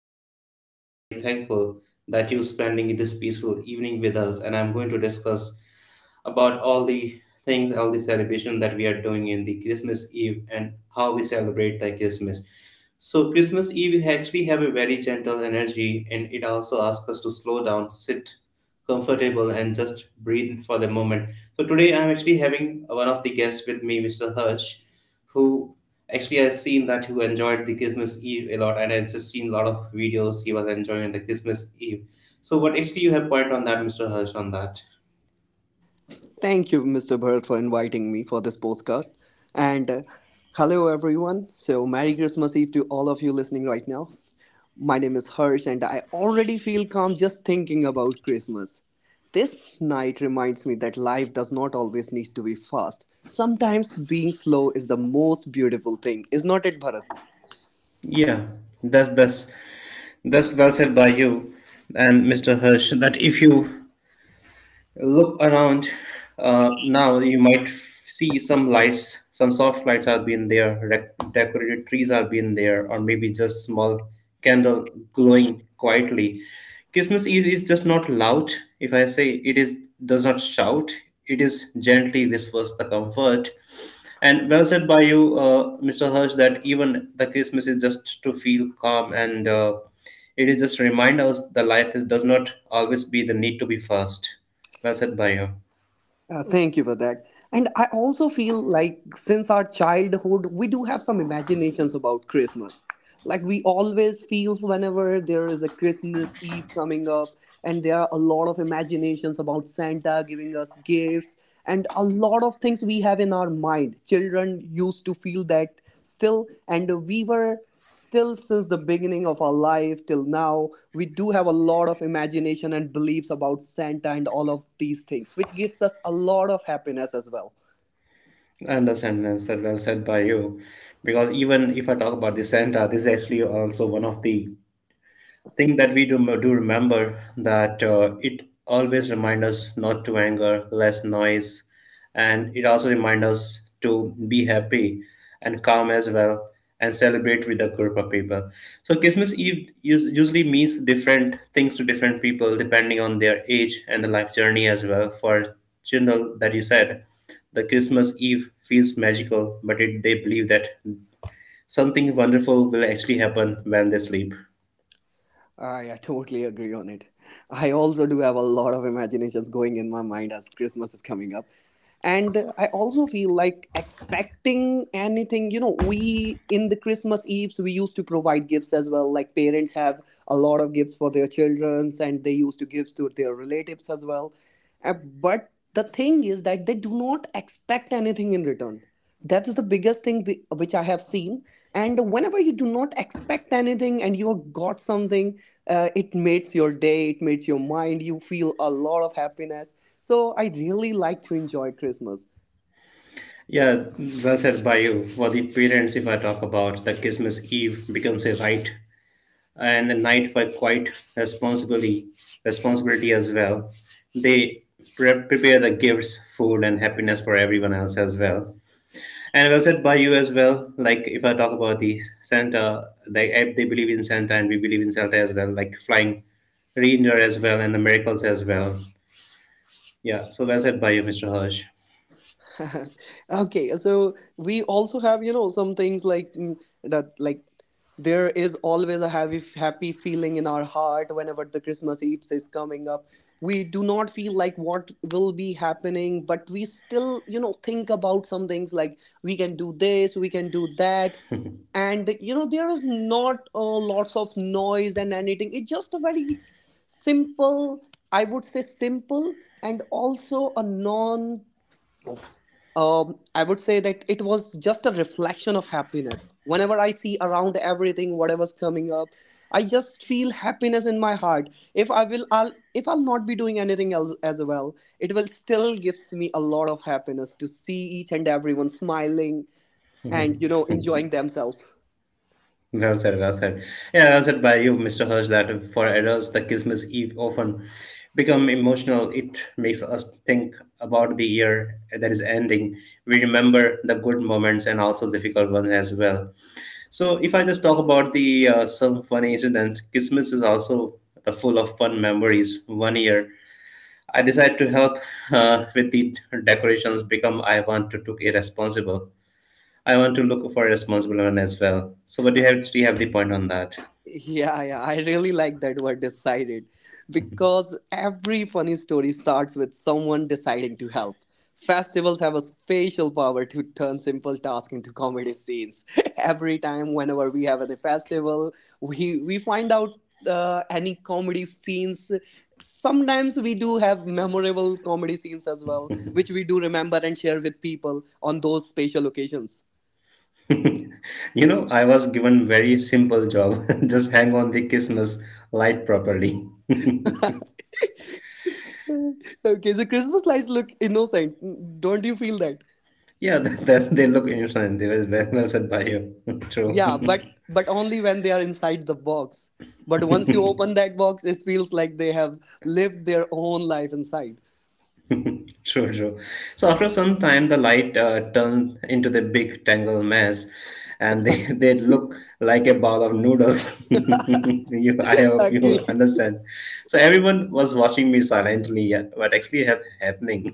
I'm honestly feel very thankful that you're spending this peaceful evening with us. And I'm going to discuss about all the things, all the celebration that we are doing in the Christmas Eve and how we celebrate the Christmas. So Christmas Eve we actually have a very gentle energy and it also asks us to slow down, sit comfortable and just breathe for the moment. So today I'm actually having one of the guests with me, Mr. Hirsch, who actually I've seen that who enjoyed the Christmas Eve a lot and I've just seen a lot of videos he was enjoying the Christmas Eve. So what actually you have point on that, Mr. Hirsch, on that? Thank you, Mr. Bharat, for inviting me for this podcast. And Hello, everyone. So, Merry Christmas Eve to all of you listening right now. My name is Harsh, and I already feel calm just thinking about Christmas. This night reminds me that life does not always need to be fast. Sometimes being slow is the most beautiful thing, is not it, Bharat? Yeah, that's that's that's well said by you and Mr. Hirsch that if you look around now, you might see some lights, some soft lights have been there, decorated trees have been there, or maybe just small candle glowing quietly. Christmas Eve is just not loud. If I say it is, does not shout. It is gently whispers the comfort. And well said by you, Mr. Hirsch, that even the Christmas is just to feel calm and, it is just remind us the life is, does not always be the need to be fast. Well said by you. Thank you for that. And I also feel like since our childhood, we do have some imaginations about Christmas. Like we always feels whenever there is a Christmas Eve coming up, and there are a lot of imaginations about Santa giving us gifts and a lot of things we have in our mind. Children used to feel that still, and we were still since the beginning of our life till now. We do have a lot of imagination and beliefs about Santa and all of these things which gives us a lot of happiness as well. I understand and said well said by you. Because even if I talk about the Santa, this is actually also one of the thing that we do, do remember that it always reminds us not to anger less noise and it also reminds us to be happy and calm as well and celebrate with a group of people. So Christmas Eve usually means different things to different people depending on their age and the life journey as well. For children that you said, the Christmas Eve feels magical, but it, they believe that something wonderful will actually happen when they sleep. I totally agree on it. I also do have a lot of imaginations going in my mind as Christmas is coming up. And I also feel like expecting anything, we in the Christmas Eves, we used to provide gifts as well. Like parents have a lot of gifts for their childrens, and they used to give to their relatives as well. But the thing is that they do not expect anything in return. That is the biggest thing which I have seen. And whenever you do not expect anything and you have got something, it makes your day, it makes your mind, you feel a lot of happiness. So I really like to enjoy Christmas. Yeah, well said by you. For the parents, if I talk about the Christmas Eve becomes a right, and the night for quite responsibility, responsibility as well. They prepare the gifts, food, and happiness for everyone else as well. And well said by you as well. Like if I talk about the Santa, they believe in Santa, and we believe in Santa as well. Like flying reindeer as well, and the miracles as well. Yeah, so well said by you, Mr. Hirsch. Okay, so we also have some things like that like there is always a happy feeling in our heart whenever the Christmas Eve is coming up. We do not feel like what will be happening, but we still think about some things like we can do this, we can do that. And there is not, lots of noise and anything. It's just a very simple, I would say simple, and also a non I would say that it was just a reflection of happiness. Whenever I see around everything whatever's coming up, I just feel happiness in my heart. If i will i'll if I'll not be doing anything else as well, it will still gives me a lot of happiness to see each and everyone smiling and enjoying themselves. Well said, well said. Yeah, answered by you, Mr. Hirsch, that for adults, the Christmas Eve often become emotional. It makes us think about the year that is ending. We remember the good moments and also difficult ones as well. So, if I just talk about the some funny incidents, Christmas is also the full of fun memories. One year, I decided to help with the decorations. Become I want to took irresponsible, I want to look for a responsible one as well. So, but you have? Do you have the point on that? Yeah, yeah, I really like that word decided, because every funny story starts with someone deciding to help. Festivals have a special power to turn simple tasks into comedy scenes. Every time, whenever we have a festival, we find out any comedy scenes. Sometimes we do have memorable comedy scenes as well, which we do remember and share with people on those special occasions. You know, I was given very simple job. Just hang on the Christmas light properly. Okay, so Christmas lights look innocent. Don't you feel that? Yeah, that, they look innocent. They were well said by you. True. Yeah, but but only when they are inside the box. But once you open that box, it feels like they have lived their own life inside. True, true. So after some time, the light turned into the big tangled mess, and they, they look like a bowl of noodles. You, I hope Agree. you understand. So everyone was watching me silently, yeah, what actually have happening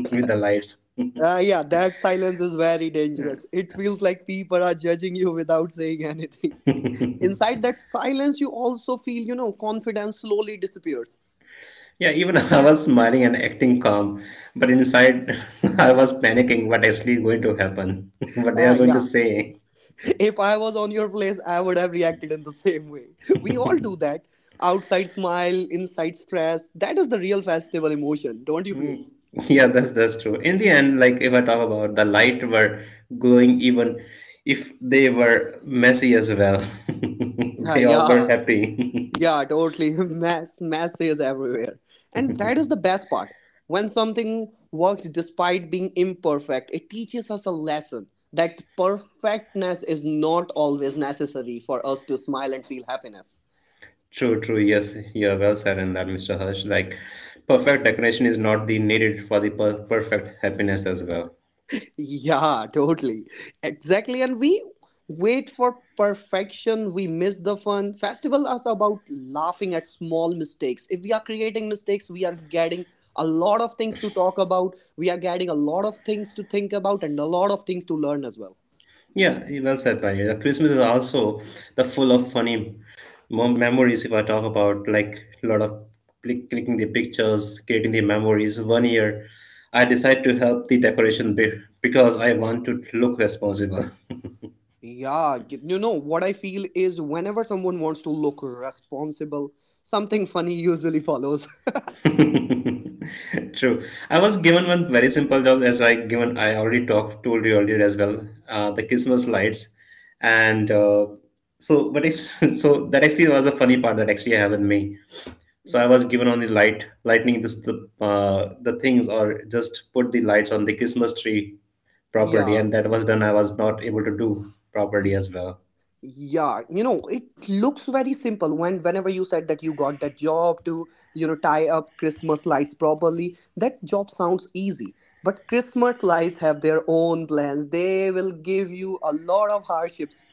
with the lights. Yeah, that silence is very dangerous. It feels like people are judging you without saying anything. Inside that silence, you also feel, confidence slowly disappears. Yeah, even I was smiling and acting calm, but inside I was panicking what actually going to happen, what they Ah, are going to yeah. say. If I was on your place, I would have reacted in the same way. We all do that. Outside smile, inside stress. That is the real festival emotion, don't you feel? Mm, Yeah, that's true. In the end, like if I talk about the light were glowing even if they were messy as well. Ah, They all were yeah, happy. yeah, totally. Mass, mass is everywhere, and that is the best part. When something works despite being imperfect, it teaches us a lesson that perfectness is not always necessary for us to smile and feel happiness. True, true. Yes, you're well said in that, Mr. Hirsch. Like perfect decoration is not the needed for the per perfect happiness as well. Yeah, totally. Exactly. And we wait for perfection, we miss the fun. Festival is about laughing at small mistakes. If we are creating mistakes, we are getting a lot of things to talk about. We are getting a lot of things to think about and a lot of things to learn as well. Yeah, well said, by the Christmas is also the full of funny memories. If I talk about like a lot of click, clicking the pictures, creating the memories. One year, I decided to help the decoration because I want to look responsible. Yeah, you know what I feel is whenever someone wants to look responsible, something funny usually follows. True. I was given one very simple job as I given I already talked told you earlier as well. The Christmas lights, and, so but it's so that actually was the funny part that actually happened with me. So I was given on the light lightning this the, the things or just put the lights on the Christmas tree properly, Yeah. and that was done. I was not able to do properly as well. Yeah, it looks very simple. Whenever you said that you got that job to, tie up Christmas lights properly, that job sounds easy. But Christmas lights have their own plans. They will give you a lot of hardships.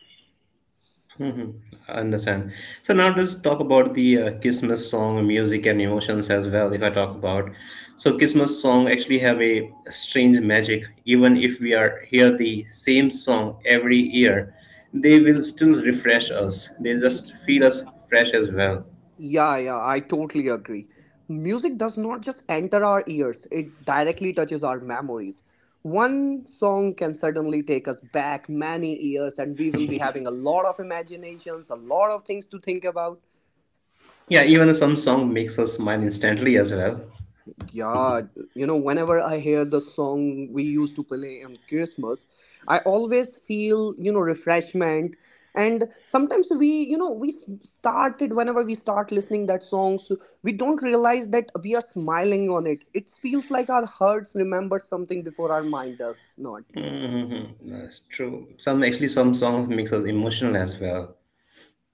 Mm-hmm. I understand. So now let's talk about the Christmas song music and emotions as well. If I talk about, so Christmas song actually have a strange magic. Even if we are hear the same song every year, they will still refresh us. They just feel us fresh as well. Yeah, yeah, I totally agree. Music does not just enter our ears, it directly touches our memories. One song can certainly take us back many years, and we will be having a lot of imaginations, a lot of things to think about. Yeah, even some song makes us smile instantly as well. Yeah, whenever I hear the song we used to play on Christmas, I always feel, refreshment. And sometimes we started whenever we start listening that song, so we don't realize that we are smiling on it. It feels like our hearts remember something before our mind does not. That's true. Some actually some songs makes us emotional as well.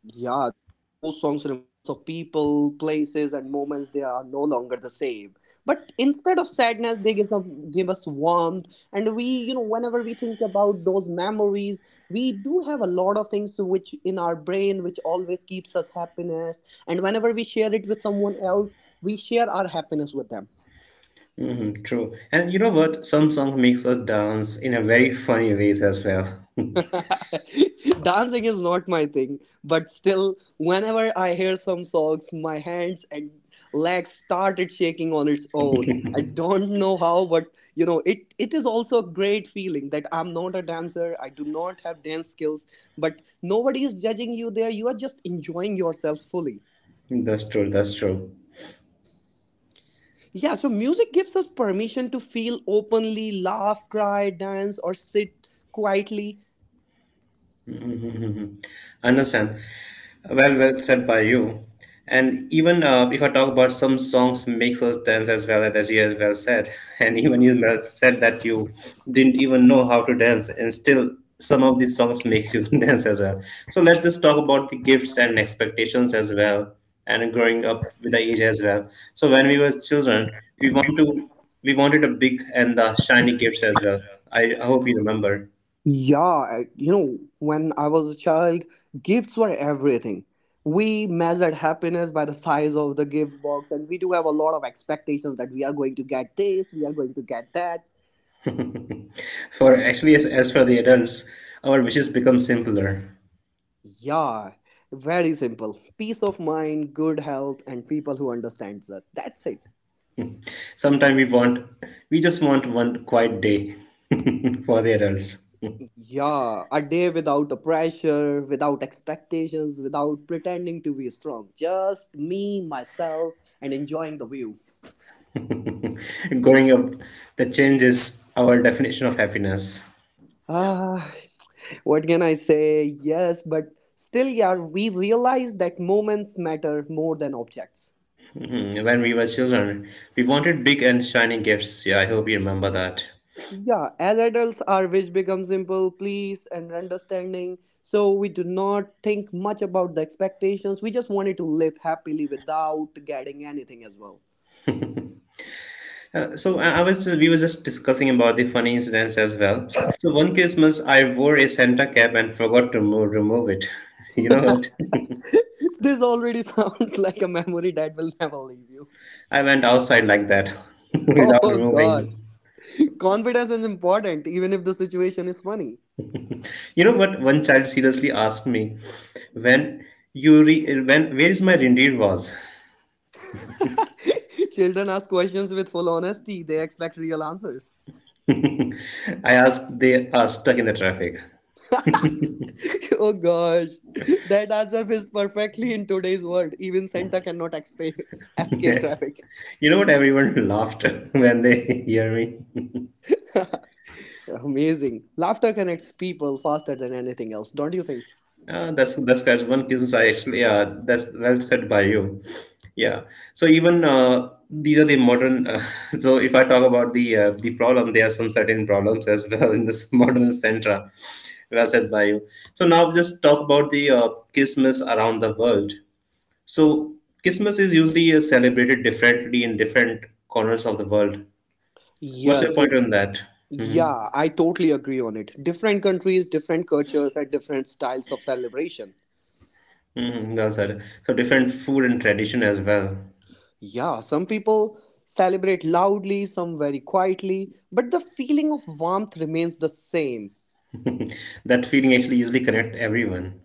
Yeah, those songs remind us of people, places, and moments they are no longer the same. But instead of sadness, they give us warmth. And we, whenever we think about those memories, we do have a lot of things which in our brain which always keeps us happiness. And whenever we share it with someone else, we share our happiness with them. Mhm, true. And you know what? Some song makes us dance in a very funny ways as well. Dancing is not my thing, but still, whenever I hear some songs, my hands and legs started shaking on its own. I don't know how, but it is also a great feeling that I'm not a dancer. I do not have dance skills, but nobody is judging you there. You are just enjoying yourself fully. That's true, that's true. Yeah, so music gives us permission to feel openly, laugh, cry, dance, or sit quietly. Understand. Well, well said by you. And even, if I talk about some songs makes us dance as well as you have well said, and even you well said that you didn't even know how to dance, and still some of these songs makes you dance as well. So let's just talk about the gifts and expectations as well, and growing up with the age as well. So when we were children, we wanted a big and the shiny gifts as well. I hope you remember. Yeah, when I was a child, gifts were everything. We measured happiness by the size of the gift box, and we do have a lot of expectations that we are going to get this, we are going to get that. For actually, as for the adults, our wishes become simpler. Yeah, very simple. Peace of mind, good health, and people who understand that. That's it. Sometimes we just want one quiet day for the adults. Yeah, a day without the pressure, without expectations, without pretending to be strong. Just me, myself, and enjoying the view. Growing up, the changes our definition of happiness. Ah, what can I say? Yes, but still, yeah, we realize that moments matter more than objects. Hmm, when we were children, we wanted big and shiny gifts. Yeah, I hope you remember that. Yeah, as adults, our wish becomes simple, please, and understanding. So we do not think much about the expectations. We just wanted to live happily without getting anything as well. So I was just, we were just discussing about the funny incidents as well. So one Christmas, I wore a Santa cap and forgot to remove it. You know what? This already sounds like a memory that will never leave you. I went outside like that without Oh gosh. removing. Confidence is important, even if the situation is funny. You know what? One child seriously asked me when you when where is my reindeer was. Children ask questions with full honesty. They expect real answers. I asked they are stuck in the traffic. Oh gosh. That answer fits perfectly in today's world. Even Santa cannot escape traffic. You know what? Everyone laughed when they hear me. Amazing. Laughter connects people faster than anything else, don't you think? That's one business I actually, yeah, that's well said by you. Yeah, so even, these are the modern, so if I talk about the, the problem there are some certain problems as well in this modern centra. Well said by you. So now just talk about the, Christmas around the world. So Christmas is usually, celebrated differently in different corners of the world. What's Yes. your point on that? Hmm. Yeah, I totally agree on it. Different countries, different cultures, and different styles of celebration. Hmm, well said. So different food and tradition as well. Yeah, some people celebrate loudly, some very quietly, but the feeling of warmth remains the same. That feeling actually usually connect everyone.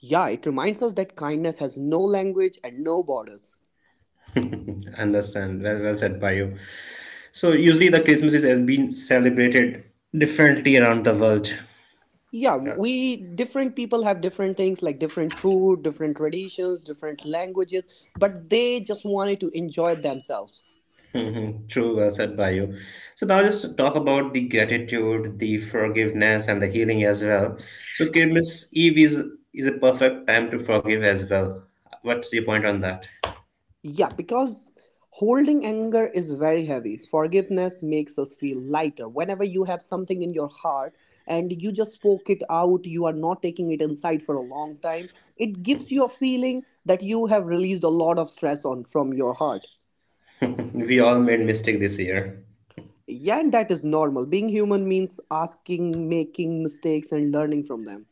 Yeah, it reminds us that kindness has no language and no borders. Understand. Well, well said by you. So usually the Christmas is has been celebrated differently around the world. Yeah, Yeah. we different people have different things like different food, different traditions, different languages, but they just wanted to enjoy themselves. Mhm, true, well said by you. So now just talk about the gratitude, the forgiveness, and the healing as well. So Christmas Eve is a perfect time to forgive as well. What's your point on that? Yeah, because holding anger is very heavy. Forgiveness makes us feel lighter. Whenever you have something in your heart and you just spoke it out, you are not taking it inside for a long time, it gives you a feeling that you have released a lot of stress on from your heart. We all made mistake this year. Yeah, and that is normal. Being human means asking, making mistakes and learning from them.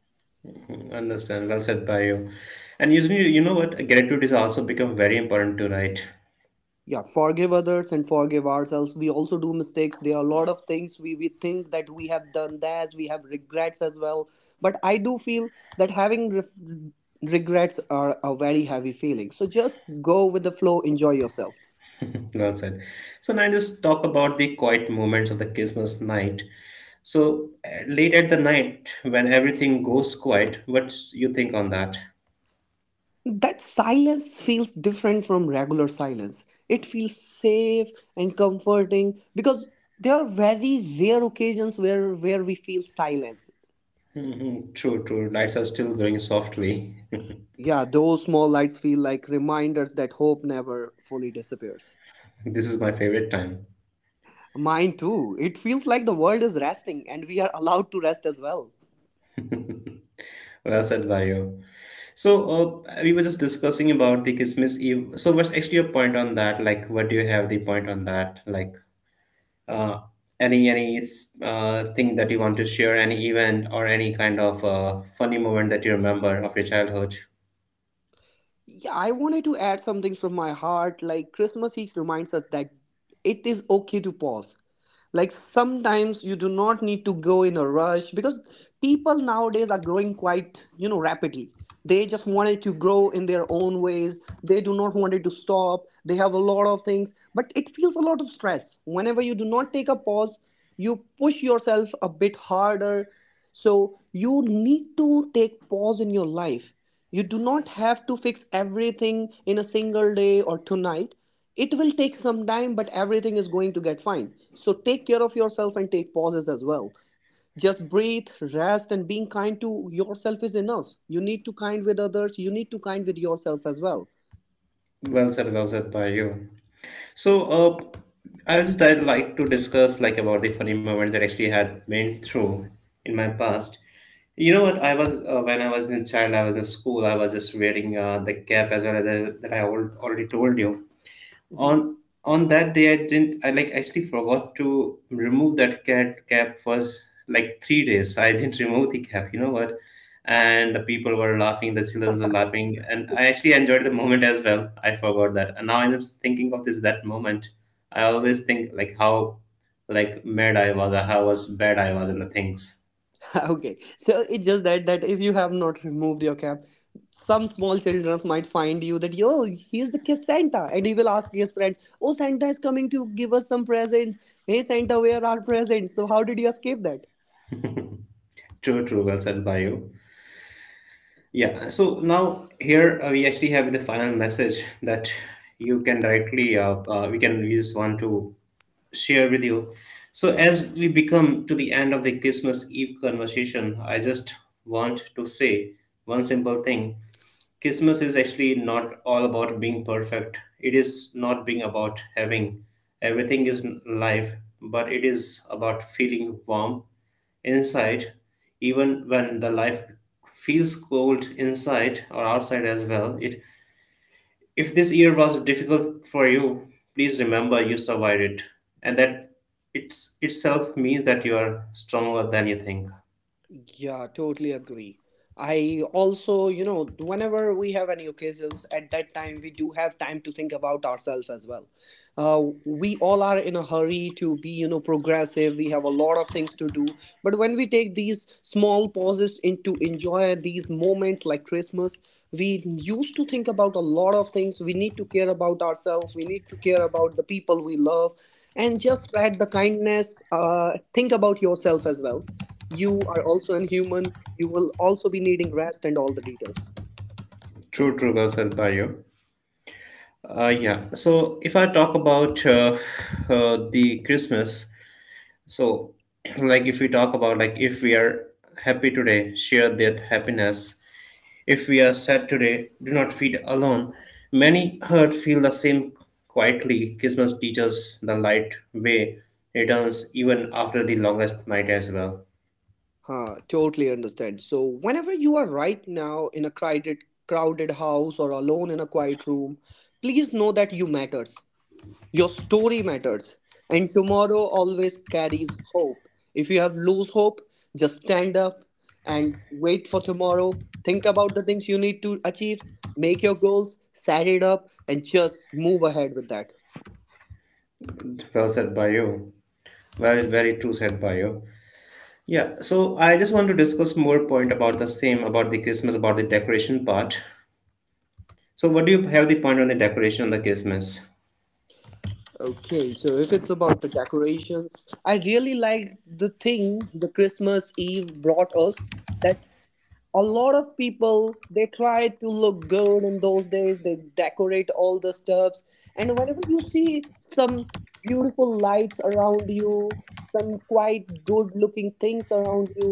Understand, well said by you. And usually you know what, gratitude is also become very important to write. Yeah, forgive others and forgive ourselves. We also do mistakes. There are a lot of things we think that we have done, that we have regrets as well. But I do feel that having regrets are a very heavy feeling. So just go with the flow, enjoy yourselves. Well said. So now just talk about the quiet moments of the Christmas night. So, late at the night, when everything goes quiet, what you think on that? That silence feels different from regular silence. It feels safe and comforting because there are very rare occasions where we feel silence. Mm, true, true. Lights are still glowing softly. Yeah, those small lights feel like reminders that hope never fully disappears. This is my favorite time. Mine too. It feels like the world is resting and we are allowed to rest as well. Well said by you. So, we were just discussing about the Christmas Eve. So what's actually your point on that? Like, what do you have the point on that? Like, uh, any, thing that you want to share, any event or any kind of, funny moment that you remember of your childhood? Yeah, I wanted to add something from my heart like Christmas Eve reminds us that it is okay to pause. Like sometimes you do not need to go in a rush because people nowadays are growing quite, you know, rapidly. They just wanted to grow in their own ways. They do not want it to stop. They have a lot of things, but it feels a lot of stress whenever you do not take a pause. You push yourself a bit harder, so you need to take pause in your life. You do not have to fix everything in a single day or tonight. It will take some time, but everything is going to get fine. So take care of yourself and take pauses as well. Just breathe, rest, and being kind to yourself is enough. You need to kind with others. You need to kind with yourself as well. Well said by you. So, I just I'd like to discuss like about the funny moments that actually had been through in my past. You know what? I was, when I was in child, I was in school. I was just wearing, the cap as well as the, that I already told you. Mhm. on on that day I didn't I like actually forgot to remove that cat cap for like 3 days. I didn't remove the cap, you know what? And the people were laughing, the children were laughing, and I actually enjoyed the moment as well. I forgot that, and now I'm just thinking of this that moment. I always think like how like mad I was, or how was bad I was in the things. Okay, so it's just that if you have not removed your cap, some small children might find you that yo, he's the kid Santa, and he will ask his friends, "Oh, Santa is coming to give us some presents. Hey, Santa, where are our presents? So how did you escape that?" True, true, well said by you. Yeah, so now here we actually have the final message that you can directly, we can use one to share with you. So, as we become to the end of the Christmas Eve conversation, I just want to say one simple thing. Christmas is actually not all about being perfect. It is not being about having everything is life, but it is about feeling warm inside, even when the life feels cold inside or outside as well. It if this year was difficult for you, please remember you survived it, and that it's itself means that you are stronger than you think. Yeah, totally agree. I also, you know, whenever we have any occasions at that time, we do have time to think about ourselves as well. We all are in a hurry to be, you know, progressive. We have a lot of things to do. But when we take these small pauses in to enjoy these moments like Christmas, we used to think about a lot of things. We need to care about ourselves. We need to care about the people we love and just spread the kindness. Think about yourself as well. You are also an human. You will also be needing rest and all the details. True, true, well said by you. Yeah. So if I talk about the Christmas, so like if we talk about like if we are happy today, share that happiness. If we are sad today, do not feel alone. Many hurt feel the same quietly. Christmas teaches the light way returns even after the longest night as well. Huh, totally understand. So whenever you are right now in a crowded house or alone in a quiet room, please know that you matters. Your story matters. And tomorrow always carries hope. If you have lose hope, just stand up and wait for tomorrow. Think about the things you need to achieve, make your goals, set it up and just move ahead with that. Well said by you. Very very true said by you. Yeah. So I just want to discuss more point about the same, about the Christmas, about the decoration part. So, what do you have the point on the decoration on the Christmas? Okay, so if it's about the decorations, I really like the thing the Christmas Eve brought us. That a lot of people, they try to look good in those days. They decorate all the stuffs, and whenever you see some beautiful lights around you, some quite good looking things around you,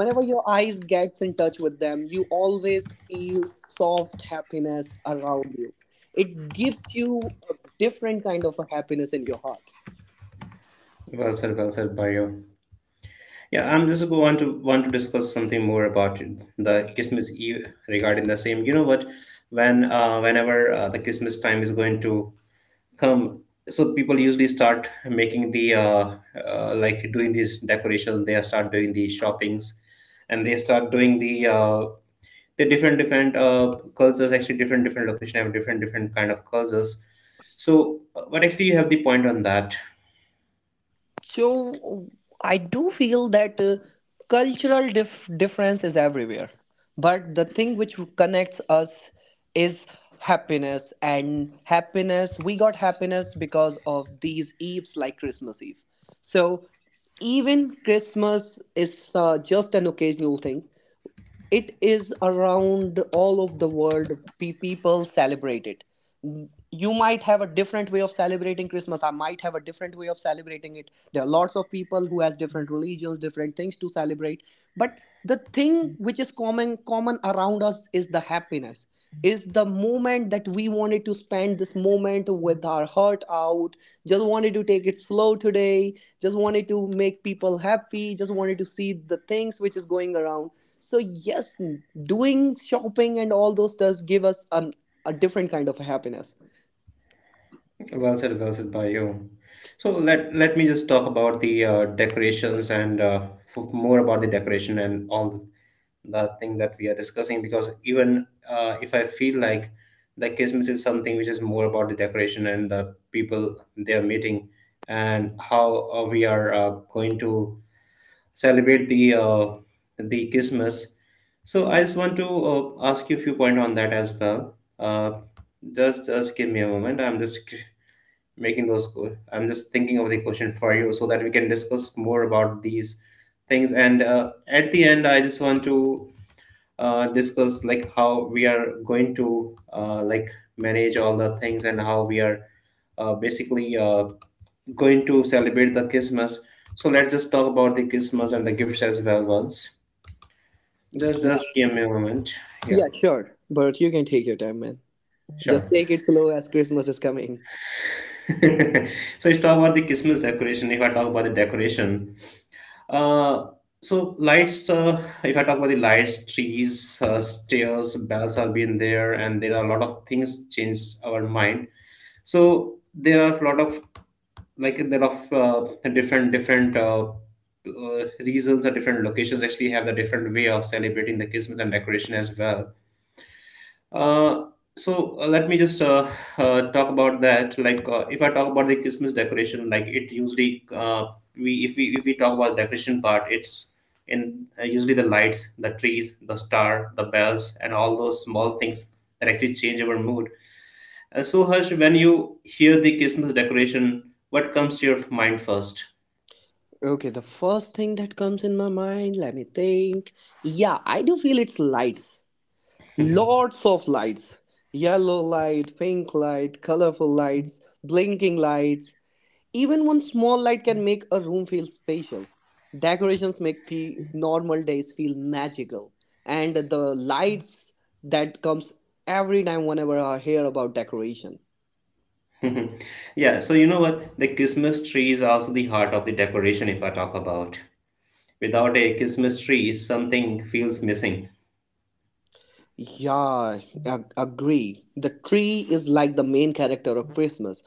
whenever your eyes gets in touch with them, you always feel soft happiness around you. It gives you a different kind of a happiness in your heart. Well said, Barrio. Yeah, I'm just going to want to discuss something more about the Christmas Eve regarding the same. You know what? Whenever the Christmas time is going to come, so people usually start making the like doing these decorations. They start doing the shoppings, and they start doing the different different cultures. Actually, different different location have different different kind of cultures. So, but actually, you have the point on that. So I do feel that cultural difference is everywhere, but the thing which connects us is happiness. And happiness, we got happiness because of these eves like Christmas Eve. So even Christmas is just an occasional thing. It is around all of the world. People celebrate it. You might have a different way of celebrating Christmas. I might have a different way of celebrating it. There are lots of people who has different religions, different things to celebrate. But the thing which is common around us is the happiness. Is the moment that we wanted to spend this moment with our heart out. Just wanted to take it slow today. Just wanted to make people happy. Just wanted to see the things which is going around. So yes, doing shopping and all those does give us an, a different kind of happiness. Well said by you. So let me just talk about the decorations and more about the decoration and the thing that we are discussing, because even if I feel like the Christmas is something which is more about the decoration and the people they are meeting, and how we are going to celebrate the Christmas. So I just want to ask you a few points on that as well. Just give me a moment. I'm just making those co- I'm just thinking of the question for you so that we can discuss more about these things, and at the end I just want to discuss like how we are going to like manage all the things, and how we are basically going to celebrate the Christmas. So let's just talk about the Christmas and the gifts as well once. just Yeah. just give me a moment. Yeah. Yeah, sure. But you can take your time, man. Just Sure. take it slow as Christmas is coming. So let's talk about the Christmas decoration. If I talk about the decoration, Uh, so lights. If I talk about the lights, trees, stairs, bells are been there, and there are a lot of things change our mind. So there are a lot of like there are different different reasons, or different locations actually have the different way of celebrating the Christmas and decoration as well. uh, Let me just talk about that. Like, if I talk about the Christmas decoration, like it usually we if we talk about decoration part, it's in usually the lights, the trees, the star, the bells, and all those small things that actually change our mood. And so, Harsh, when you hear the Christmas decoration, what comes to your mind first? Okay, the first thing that comes in my mind, let me think. Yeah, I do feel it's lights. Lots of lights. Yellow light, pink light, colorful lights, blinking lights. Even one small light can make a room feel special. Decorations make normal days feel magical, and the lights that comes every time whenever I hear about decoration. Yeah. So you know what? The Christmas tree is also the heart of the decoration. If I talk about. Without a Christmas tree, something feels missing. Yeah, I agree. The tree is like the main character of Christmas.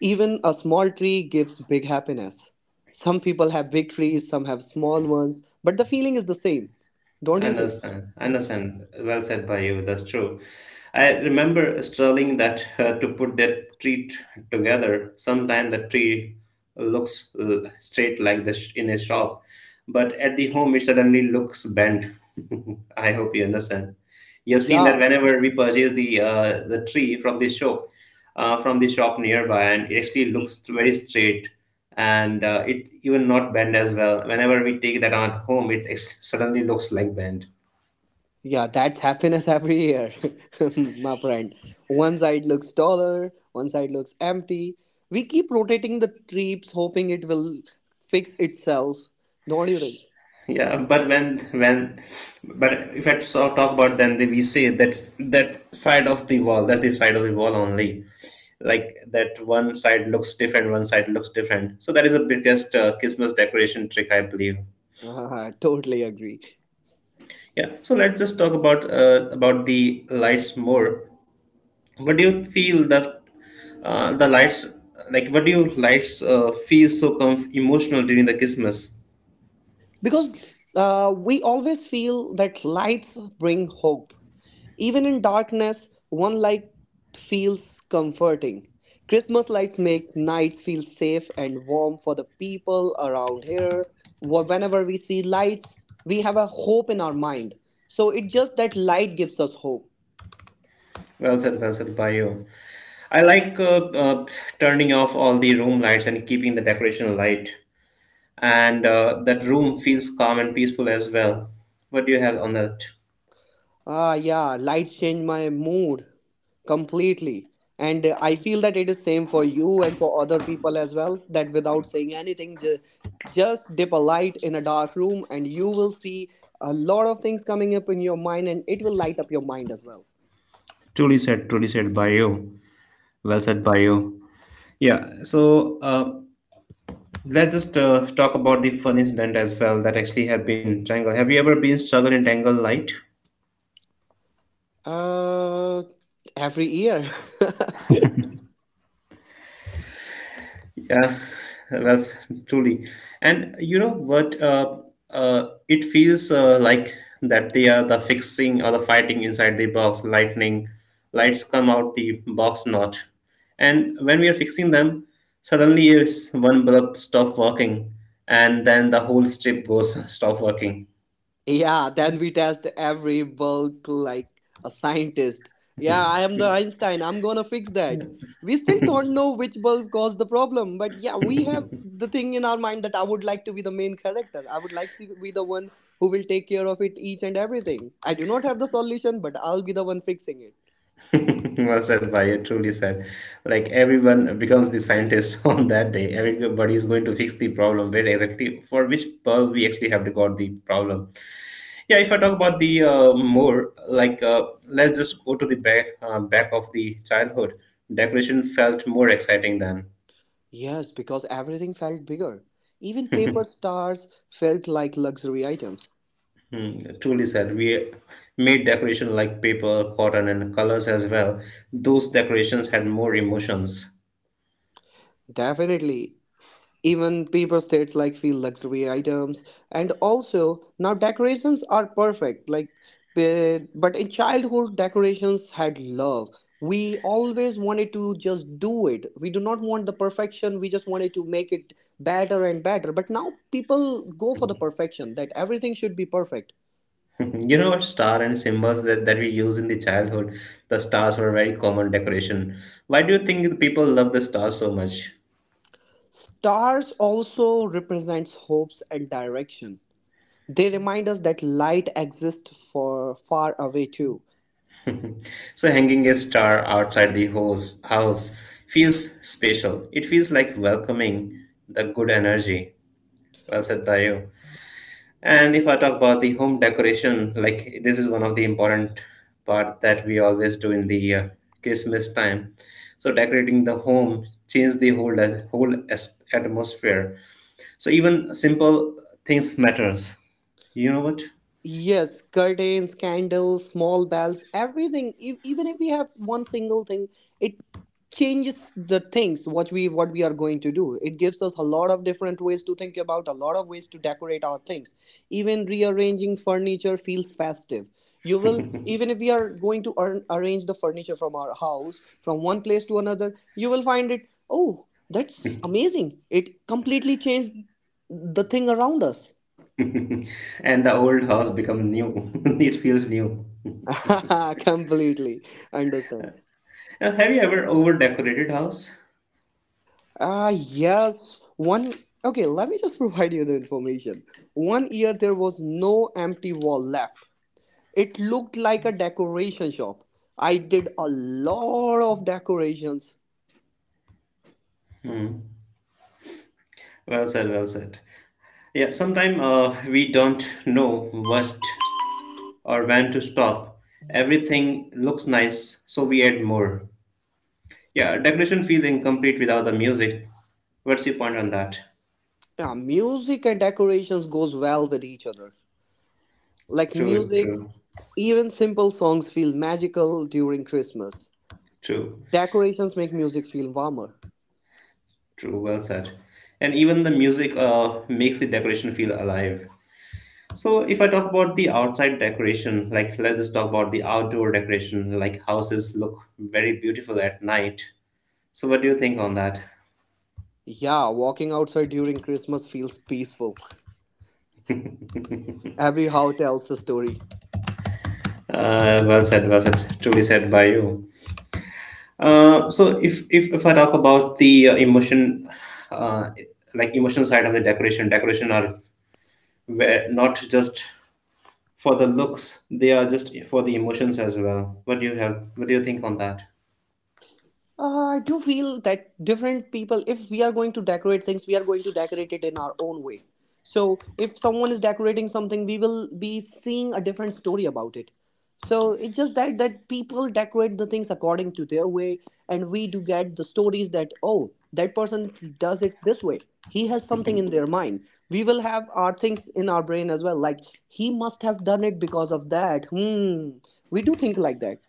Even a small tree gives big happiness. Some people have big trees, some have small ones, but the feeling is the same. Don't you think? Understand. Understand. Well said by you. That's true. I remember struggling that to put that together. Sometimes the tree looks straight like this in a shop, but at the home it suddenly looks bent. I hope you understand. You have seen that Yeah. whenever we purchase the tree from the shop nearby, and it actually looks very straight, and it even not bent as well. Whenever we take that out home, it suddenly looks like bent. Yeah, that's happiness every year, my friend. One side looks taller, one side looks empty. We keep rotating the trips, hoping it will fix itself. Don't you think? Yeah, but when but if I so talk about then we say that that side of the wall, that's the side of the wall only, like that one side looks different, one side looks different, so that is the biggest Christmas decoration trick I believe. I totally agree. Yeah, so let's just talk about the lights more. What do you feel that the lights like what do you lights feel so emotional during the Christmas? Because we always feel that lights bring hope. Even in darkness, one light feels comforting. Christmas lights make nights feel safe and warm for the people around here. Whenever we see lights, we have a hope in our mind. So it's just that light gives us hope. Well said, well said by you. I like turning off all the room lights and keeping the decoration light, and that room feels calm and peaceful as well. What do you have on that? Ah, yeah, lights change my mood completely. And I feel that it is same for you and for other people as well. That without saying anything, just dip a light in a dark room, and you will see a lot of things coming up in your mind, and it will light up your mind as well. Truly said, truly said by you. Well said by you. Yeah, so let's just talk about the fun incident as well that actually had been tangled. Have you ever been struggled in tangled light? Uh, every year. Yeah, well, truly. And you know what? It feels like that they are the fixing or the fighting inside the box. Lightning lights come out the box not, and when we are fixing them, suddenly it's one bulb stop working, and then the whole strip goes stop working. Yeah, then we test every bulk like a scientist. Yeah, I am the Einstein. I'm gonna fix that. We still don't know which bulb caused the problem, but yeah, we have the thing in our mind that I would like to be the main character. I would like to be the one who will take care of it each and everything. I do not have the solution, but I'll be the one fixing it. Well said by you, truly said. Like everyone becomes the scientist on that day. Everybody is going to fix the problem where exactly for which pearl we actually have to got the problem. Yeah, if I talk about the more like let's just go to the back back of the childhood. Decoration felt more exciting than. Yes, because everything felt bigger. Even paper stars felt like luxury items. Hmm, truly said. We made decoration like paper, cotton, and colors as well. Those decorations had more emotions. Definitely, even paper states like feel luxury items. And also now decorations are perfect, like but in childhood decorations had love. We always wanted to just do it. We do not want the perfection. We just wanted to make it better and better, but now people go for the perfection that everything should be perfect. You know what star and symbols that we use in the childhood? The stars were a very common decoration. Why do you think the people love the stars so much? Stars also represents hopes and direction. They remind us that light exists for far away too. So hanging a star outside the house feels special. It feels like welcoming the good energy. Well said by you. And if I talk about the home decoration, like this is one of the important part that we always do in the Christmas time. So decorating the home changes the whole atmosphere. So even simple things matters. You know what? Yes, curtains, candles, small bells, everything. If, even if we have one single thing, it changes the things what we are going to do. It gives us a lot of different ways to think about, a lot of ways to decorate our things. Even rearranging furniture feels festive. You will, even if we are going to arrange the furniture from our house from one place to another, you will find it. Oh, that's amazing! It completely changed the thing around us. And the old house become new. It feels new. Completely understand. Have you ever over decorated house? Ah, yes. One. Okay, let me just provide you the information. One year there was no empty wall left. It looked like a decoration shop. I did a lot of decorations. Well said, well said. Yeah, sometime we don't know what or when to stop. Everything looks nice, so we add more. Yeah, decoration feels incomplete without the music. What's your point on that? Yeah, music and decorations goes well with each other. Like True, music, true, even simple songs feel magical during Christmas. true, Decorations make music feel warmer. true. Well said. And even the music makes the decoration feel alive. So if I talk about the outside decoration, like let's just talk about the outdoor decoration, like houses look very beautiful at night. So what do you think on that? Yeah, walking outside during Christmas feels peaceful. Every how tells the story. Well said, well said. Truly said by you. So if I talk about the uh, like emotion side of the decoration, decoration are not just for the looks; they are just for the emotions as well. What do you have? What do you think on that? I do feel that different people, if we are going to decorate things, we are going to decorate it in our own way. So, if someone is decorating something, we will be seeing a different story about it. So it's just that people decorate the things according to their way, and we do get the stories that oh, that person does it this way. He has something in their mind. We will have our things in our brain as well. Like he must have done it because of that. Hmm. We do think like that.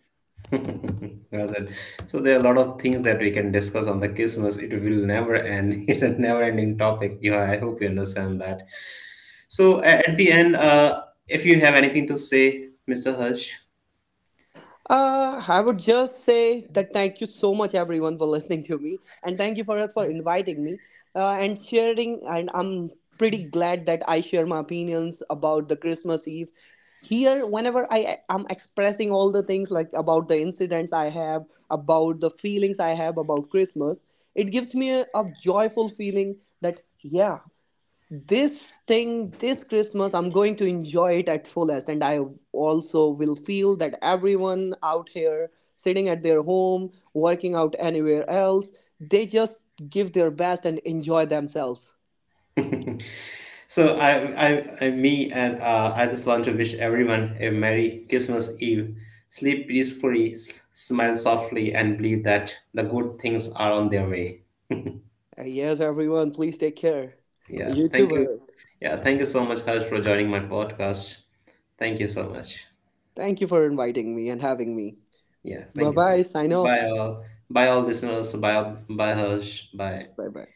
Well said. So there are a lot of things that we can discuss on the Christmas. It will never end. It's a never-ending topic. You, I hope you understand that. So at the end, if you have anything to say, Mr. Harsh. I would just say that thank you so much, everyone, for listening to me, and thank you for inviting me and sharing. And I'm pretty glad that I share my opinions about the Christmas Eve here. Whenever I am expressing all the things like about the incidents I have, about the feelings I have about Christmas, it gives me a joyful feeling that yeah, this thing, this Christmas, I'm going to enjoy it at fullest. And I also will feel that everyone out here sitting at their home, working out anywhere else, they just give their best and enjoy themselves. So I me and I just want to wish everyone a Merry Christmas Eve. Sleep peacefully, smile softly, and believe that the good things are on their way. Yes, everyone, please take care, Yeah, thank you. youtubers. Yeah, thank you so much, Harsh, for joining my podcast. Thank you so much. Thank you for inviting me and having me. Yeah, Bye thank you so bye, much. sign Bye off. all. Bye all listeners. Bye, bye Harsh. Bye. Bye bye.